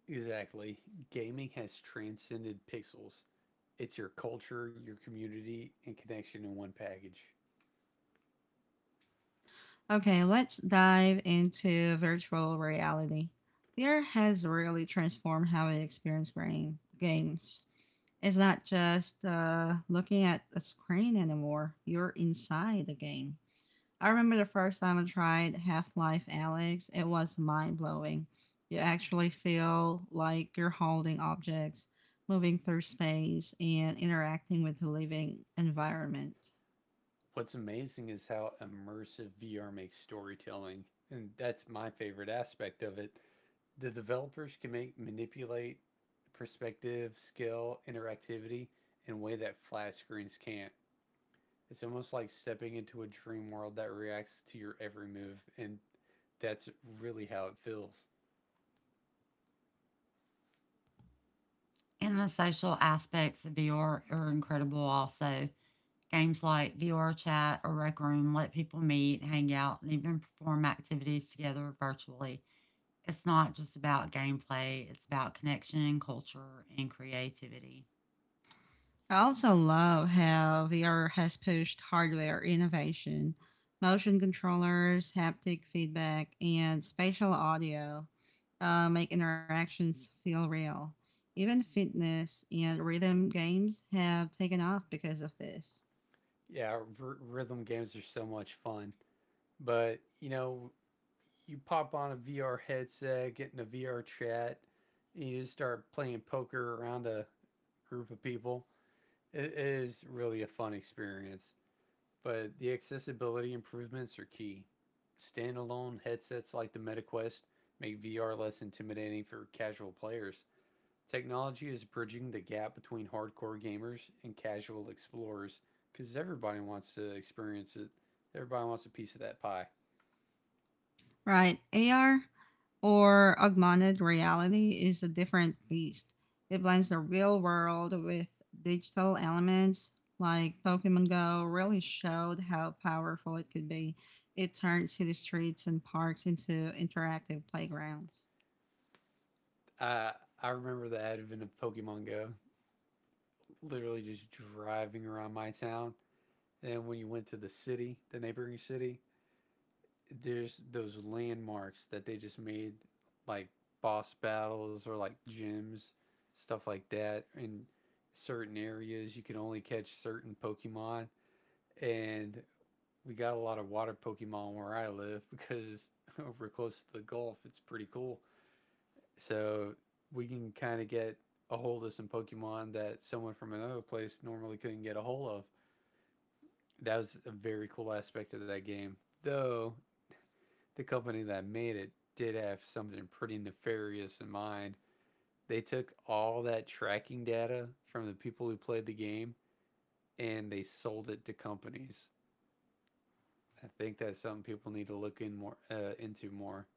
[SPEAKER 2] Exactly. Gaming has transcended pixels. It's your culture, your community, and connection in one package.
[SPEAKER 1] Okay, let's dive into virtual reality. VR has really transformed how we experience brain games. It's not just looking at a screen anymore, you're inside the game. I remember the first time I tried Half Life Alex, it was mind blowing. You actually feel like you're holding objects, moving through space, and interacting with the living environment.
[SPEAKER 2] What's amazing is how immersive VR makes storytelling. And that's my favorite aspect of it. The developers can make manipulate perspective, scale, interactivity in a way that flat screens can't. It's almost like stepping into a dream world that reacts to your every move, and that's really how it feels.
[SPEAKER 3] And the social aspects of VR are incredible also. Games like VR Chat or Rec Room let people meet, hang out, and even perform activities together virtually. It's not just about gameplay, it's about connection, culture, and creativity.
[SPEAKER 1] I also love how VR has pushed hardware innovation, motion controllers, haptic feedback, and spatial audio make interactions feel real. Even fitness and rhythm games have taken off because of this.
[SPEAKER 2] Yeah, rhythm games are so much fun, but you know, you pop on a VR headset, get in a VR chat, and you just start playing poker around a group of people. It is really a fun experience. But the accessibility improvements are key. Standalone headsets like the MetaQuest make VR less intimidating for casual players. Technology is bridging the gap between hardcore gamers and casual explorers because everybody wants to experience it. Everybody wants a piece of that pie.
[SPEAKER 1] Right. AR or augmented reality is a different beast. It blends the real world with digital elements, like Pokemon Go really showed how powerful it could be. It turned city streets and parks into interactive playgrounds.
[SPEAKER 2] I I remember the advent of Pokemon Go, literally just driving around my town. And when you went to the city, the neighboring city, there's those landmarks that they just made like boss battles or like gyms stuff like that in certain areas. You can only catch certain pokemon, and we got a lot of water pokemon where I live because we're close to the gulf. It's pretty cool, so we can kind of get a hold of some pokemon that someone from another place normally couldn't get a hold of. That was a very cool aspect of that game, though the company that made it did have something pretty nefarious in mind. They took all that tracking data from the people who played the game and they sold it to companies. I think that's something people need to look in more into more.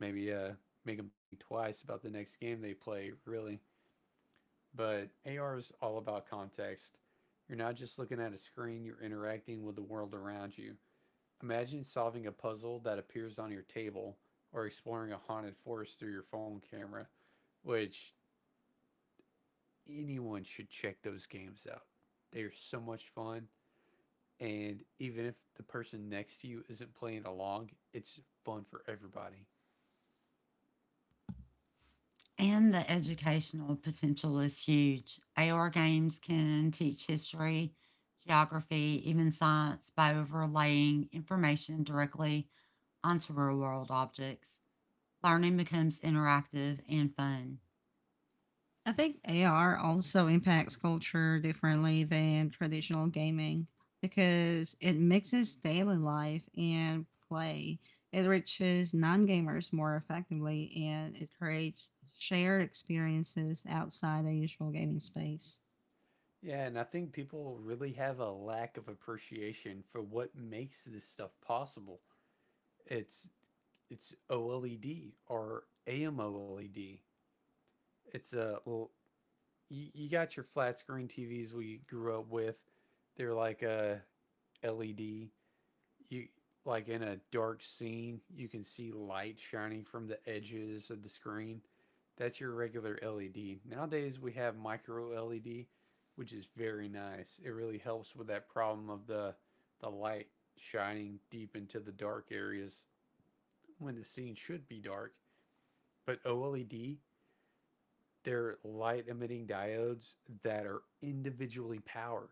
[SPEAKER 2] Maybe make them think twice about the next game they play, really. But AR is all about context. You're not just looking at a screen, you're interacting with the world around you. Imagine solving a puzzle that appears on your table or exploring a haunted forest through your phone camera, which anyone should check those games out. They are so much fun. And even if the person next to you isn't playing along, it's fun for everybody.
[SPEAKER 3] And the educational potential is huge. AR games can teach history, geography, even science by overlaying information directly onto real world objects, learning becomes interactive and fun.
[SPEAKER 1] I think AR also impacts culture differently than traditional gaming because it mixes daily life and play. It reaches non gamers more effectively and it creates shared experiences outside the usual gaming space.
[SPEAKER 2] Yeah, and I think people really have a lack of appreciation for what makes this stuff possible. It's it's OLED or AMOLED. It's a. You got your flat screen TVs we grew up with. They're like a LED. You, like in a dark scene, you can see light shining from the edges of the screen. That's your regular LED. Nowadays we have micro LED, which is very nice. It really helps with that problem of the light shining deep into the dark areas when the scene should be dark. But OLED, they're light emitting diodes that are individually powered.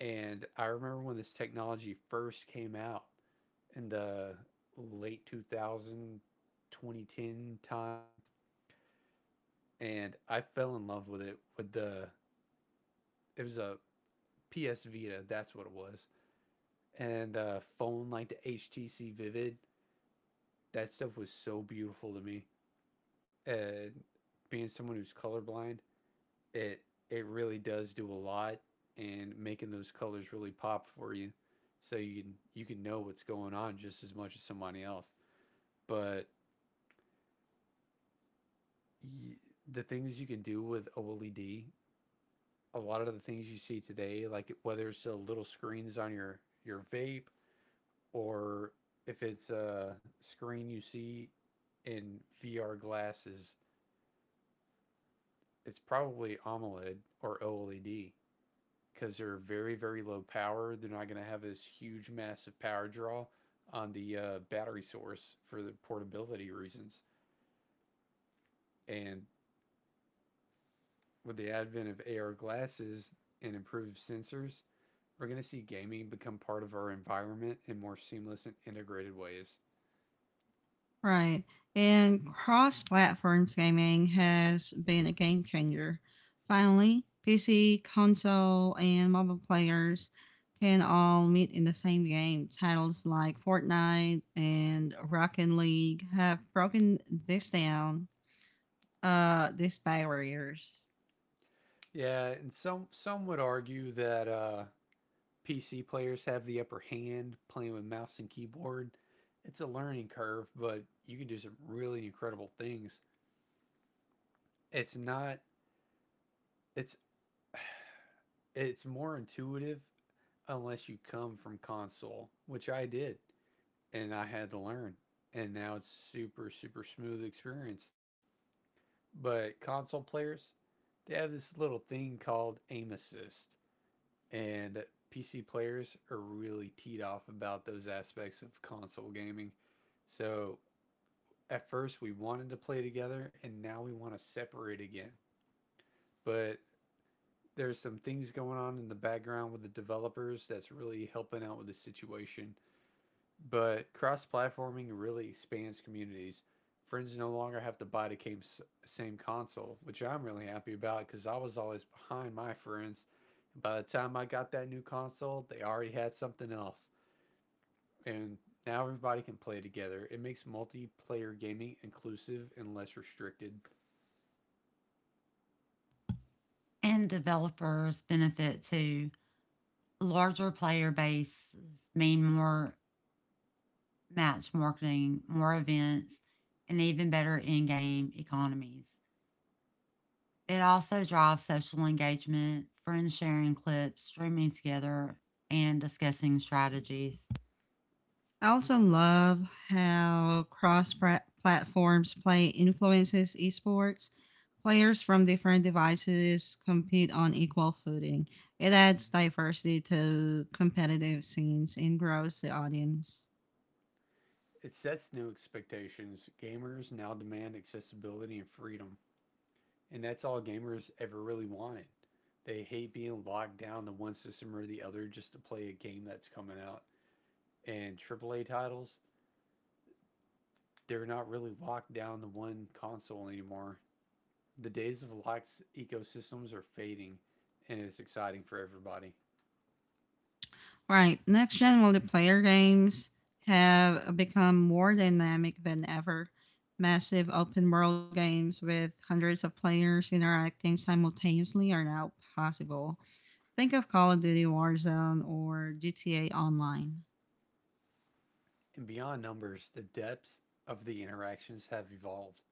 [SPEAKER 2] And I remember when this technology first came out in the late 2000 2010 time. And I fell in love with it. It was a PS Vita, that's what it was. And a phone like the HTC Vivid. That stuff was so beautiful to me. And being someone who's colorblind, it it really does do a lot in making those colors really pop for you so you can know what's going on just as much as somebody else. But y- the things you can do with OLED, a lot of the things you see today, like whether it's the little screens on your vape or if it's a screen you see in VR glasses, it's probably AMOLED or OLED because they're very very low power. They're not going to have this huge massive power draw on the battery source for the portability reasons. And with the advent of AR glasses and improved sensors, we're going to see gaming become part of our environment in more seamless and integrated ways.
[SPEAKER 1] Right. And cross platform gaming has been a game changer. Finally, PC, console, and mobile players can all meet in the same game. Titles like Fortnite and Rocket League have broken this down, these barriers.
[SPEAKER 2] Yeah, and some would argue that PC players have the upper hand playing with mouse and keyboard. It's a learning curve, but you can do some really incredible things. It's not it's it's more intuitive unless you come from console, which I did, and I had to learn. And now it's super super smooth experience. But console players, they have this little thing called aim assist, and PC players are really teed off about those aspects of console gaming. So at first we wanted to play together, and now we want to separate again. But there's some things going on in the background with the developers that's really helping out with the situation. But cross-platforming really expands communities. Friends no longer have to buy the same console, which I'm really happy about because I was always behind my friends. And by the time I got that new console, they already had something else, and now everybody can play together. It makes multiplayer gaming inclusive and less restricted.
[SPEAKER 3] And developers benefit too. Larger player bases mean more match marketing, more events, and even better in game economies. It also drives social engagement, friends sharing clips, streaming together, and discussing strategies.
[SPEAKER 1] I also love how cross platforms play influences esports. Players from different devices compete on equal footing. It adds diversity to competitive scenes and grows the audience.
[SPEAKER 2] It sets new expectations. Gamers now demand accessibility and freedom. And that's all gamers ever really wanted. They hate being locked down to one system or the other just to play a game that's coming out. And AAA titles, they're not really locked down to one console anymore. The days of locked ecosystems are fading, and it's exciting for everybody.
[SPEAKER 1] Right, next gen multiplayer games have become more dynamic than ever. Massive open world games with hundreds of players interacting simultaneously are now possible. Think of Call of Duty Warzone or GTA Online.
[SPEAKER 2] And beyond numbers, the depths of the interactions have evolved.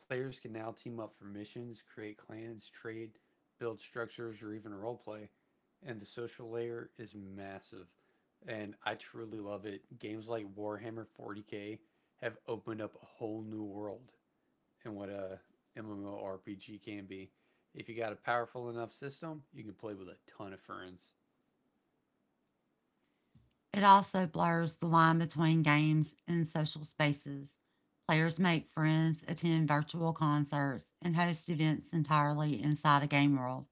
[SPEAKER 2] Players can now team up for missions, create clans, trade, build structures, or even roleplay. And the social layer is massive. And I truly love it. Games like Warhammer 40K have opened up a whole new world in what a MMORPG can be. If you got a powerful enough system, you can play with a ton of friends.
[SPEAKER 3] It also blurs the line between games and social spaces. Players make friends, attend virtual concerts, and host events entirely inside a game world.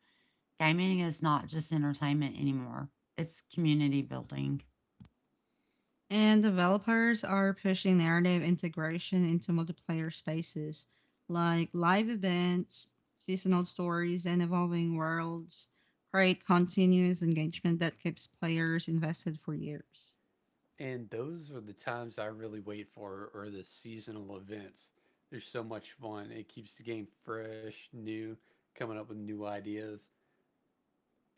[SPEAKER 3] Gaming is not just entertainment anymore, it's community building.
[SPEAKER 1] And developers are pushing narrative integration into multiplayer spaces like live events, seasonal stories, and evolving worlds create continuous engagement that keeps players invested for years.
[SPEAKER 2] And those are the times I really wait for are the seasonal events. They're so much fun. It keeps the game fresh, new, coming up with new ideas.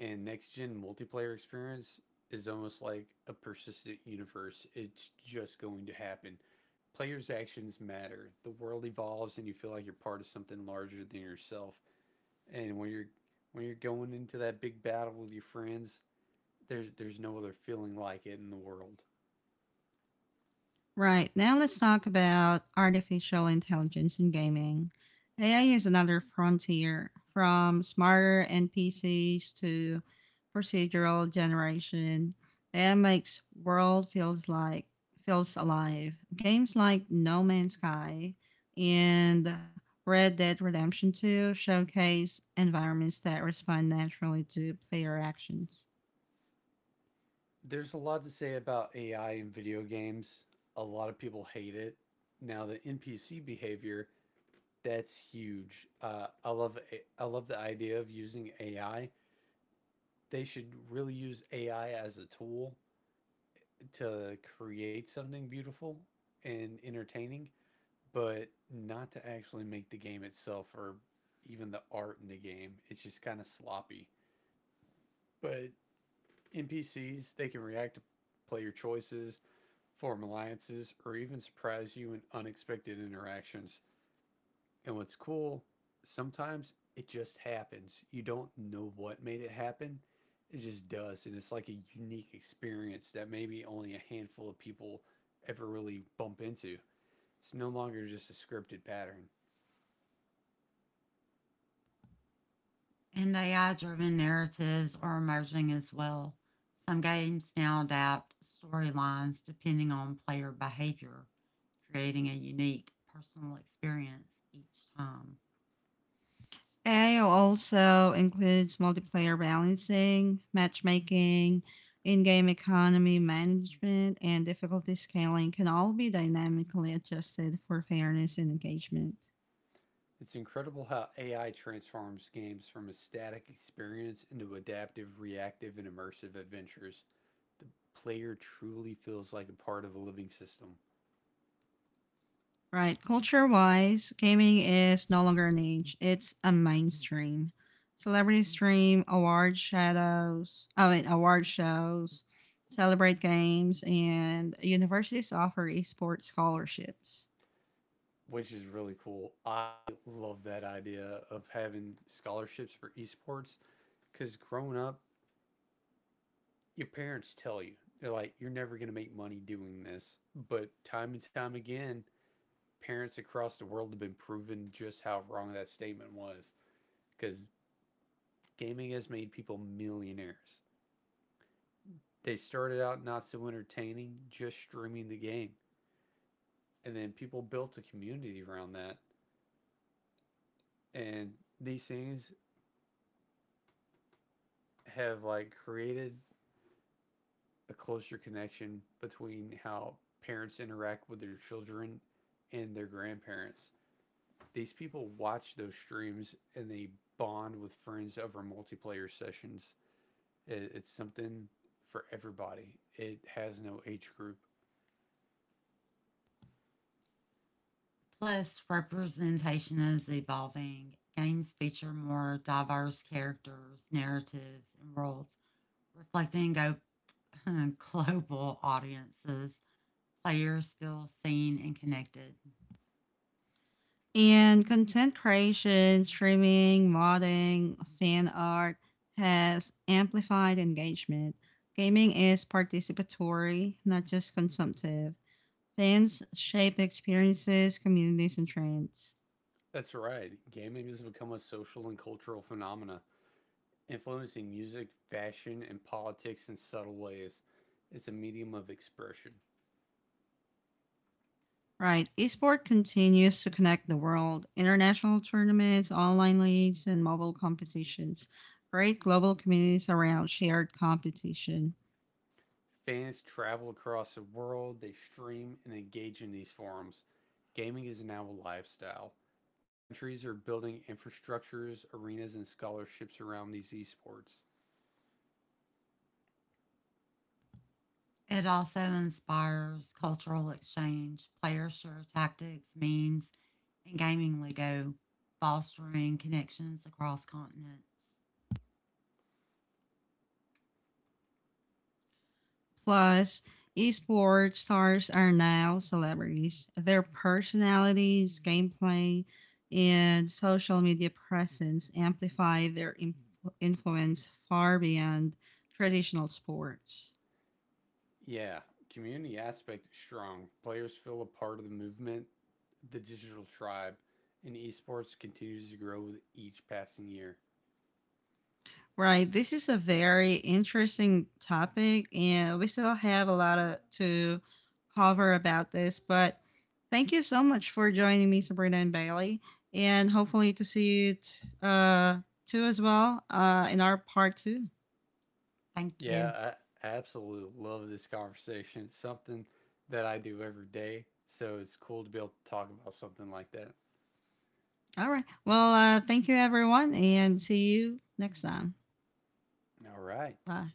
[SPEAKER 2] And next gen multiplayer experience is almost like a persistent universe. It's just going to happen. Players' actions matter. The world evolves and you feel like you're part of something larger than yourself. And when you're going into that big battle with your friends, there's no other feeling like it in the world.
[SPEAKER 1] Right, now let's talk about artificial intelligence in gaming. AI is another frontier from smarter NPCs to procedural generation. AI makes world feels alive. Games like No Man's Sky and Red Dead Redemption 2 showcase environments that respond naturally to player actions.
[SPEAKER 2] There's a lot to say about AI in video games. A lot of people hate it. Now the NPC behavior, that's huge. I love the idea of using AI. They should really use AI as a tool to create something beautiful and entertaining, but not to actually make the game itself or even the art in the game. It's just kind of sloppy. But NPCs, they can react to player choices, form alliances, or even surprise you in unexpected interactions. And what's cool, sometimes it just happens. You don't know what made it happen, it just does. And it's like a unique experience that maybe only a handful of people ever really bump into. It's no longer just a scripted pattern.
[SPEAKER 3] And AI driven narratives are emerging as well. Some games now adapt storylines depending on player behavior, creating a unique personal experience each time.
[SPEAKER 1] AI also includes multiplayer balancing, matchmaking, in game economy management, and difficulty scaling can all be dynamically adjusted for fairness and engagement.
[SPEAKER 2] It's incredible how AI transforms games from a static experience into adaptive, reactive, and immersive adventures. The player truly feels like a part of a living system.
[SPEAKER 1] Right, culture wise, gaming is no longer an age, it's a mainstream. Celebrity stream, award shadows, I mean, award shows, celebrate games, and universities offer esports scholarships.
[SPEAKER 2] Which is really cool. I love that idea of having scholarships for esports because growing up, your parents tell you, they're like, you're never going to make money doing this. But time and time again, parents across the world have been proven just how wrong that statement was because gaming has made people millionaires. They started out not so entertaining, just streaming the game. And then people built a community around that. And these things have like created a closer connection between how parents interact with their children and their grandparents. These people watch those streams and they bond with friends over multiplayer sessions. It's something for everybody. It has no age group.
[SPEAKER 3] Plus, representation is evolving. Games feature more diverse characters, narratives, and worlds, reflecting go- global audiences. Players feel seen and connected.
[SPEAKER 1] And content creation, streaming, modding, fan art has amplified engagement. Gaming is participatory, not just consumptive. Fans shape experiences, communities, and trends.
[SPEAKER 2] That's right. Gaming has become a social and cultural phenomena, influencing music, fashion, and politics in subtle ways. It's a medium of expression.
[SPEAKER 1] Right, esport continues to connect the world. International tournaments, online leagues, and mobile competitions create global communities around shared competition.
[SPEAKER 2] Fans travel across the world, they stream and engage in these forums. Gaming is now a lifestyle. Countries are building infrastructures, arenas, and scholarships around these esports.
[SPEAKER 3] It also inspires cultural exchange. Players share tactics, memes, and gaming lingo, fostering connections across continents.
[SPEAKER 1] Plus, esports stars are now celebrities. Their personalities, gameplay, and social media presence amplify their influence far beyond traditional sports.
[SPEAKER 2] Yeah, community aspect is strong. Players feel a part of the movement, the digital tribe, and esports continues to grow with each passing year.
[SPEAKER 1] Right. This is a very interesting topic, and we still have a lot of, to cover about this. But thank you so much for joining me, Sabrina and Bailey, and hopefully to see you uh, too as well in our part two.
[SPEAKER 3] Thank you.
[SPEAKER 2] Yeah, I absolutely love this conversation. It's something that I do every day, so it's cool to be able to talk about something like that.
[SPEAKER 1] All right. Well, thank you, everyone, and see you next time.
[SPEAKER 2] All right.
[SPEAKER 1] Bye.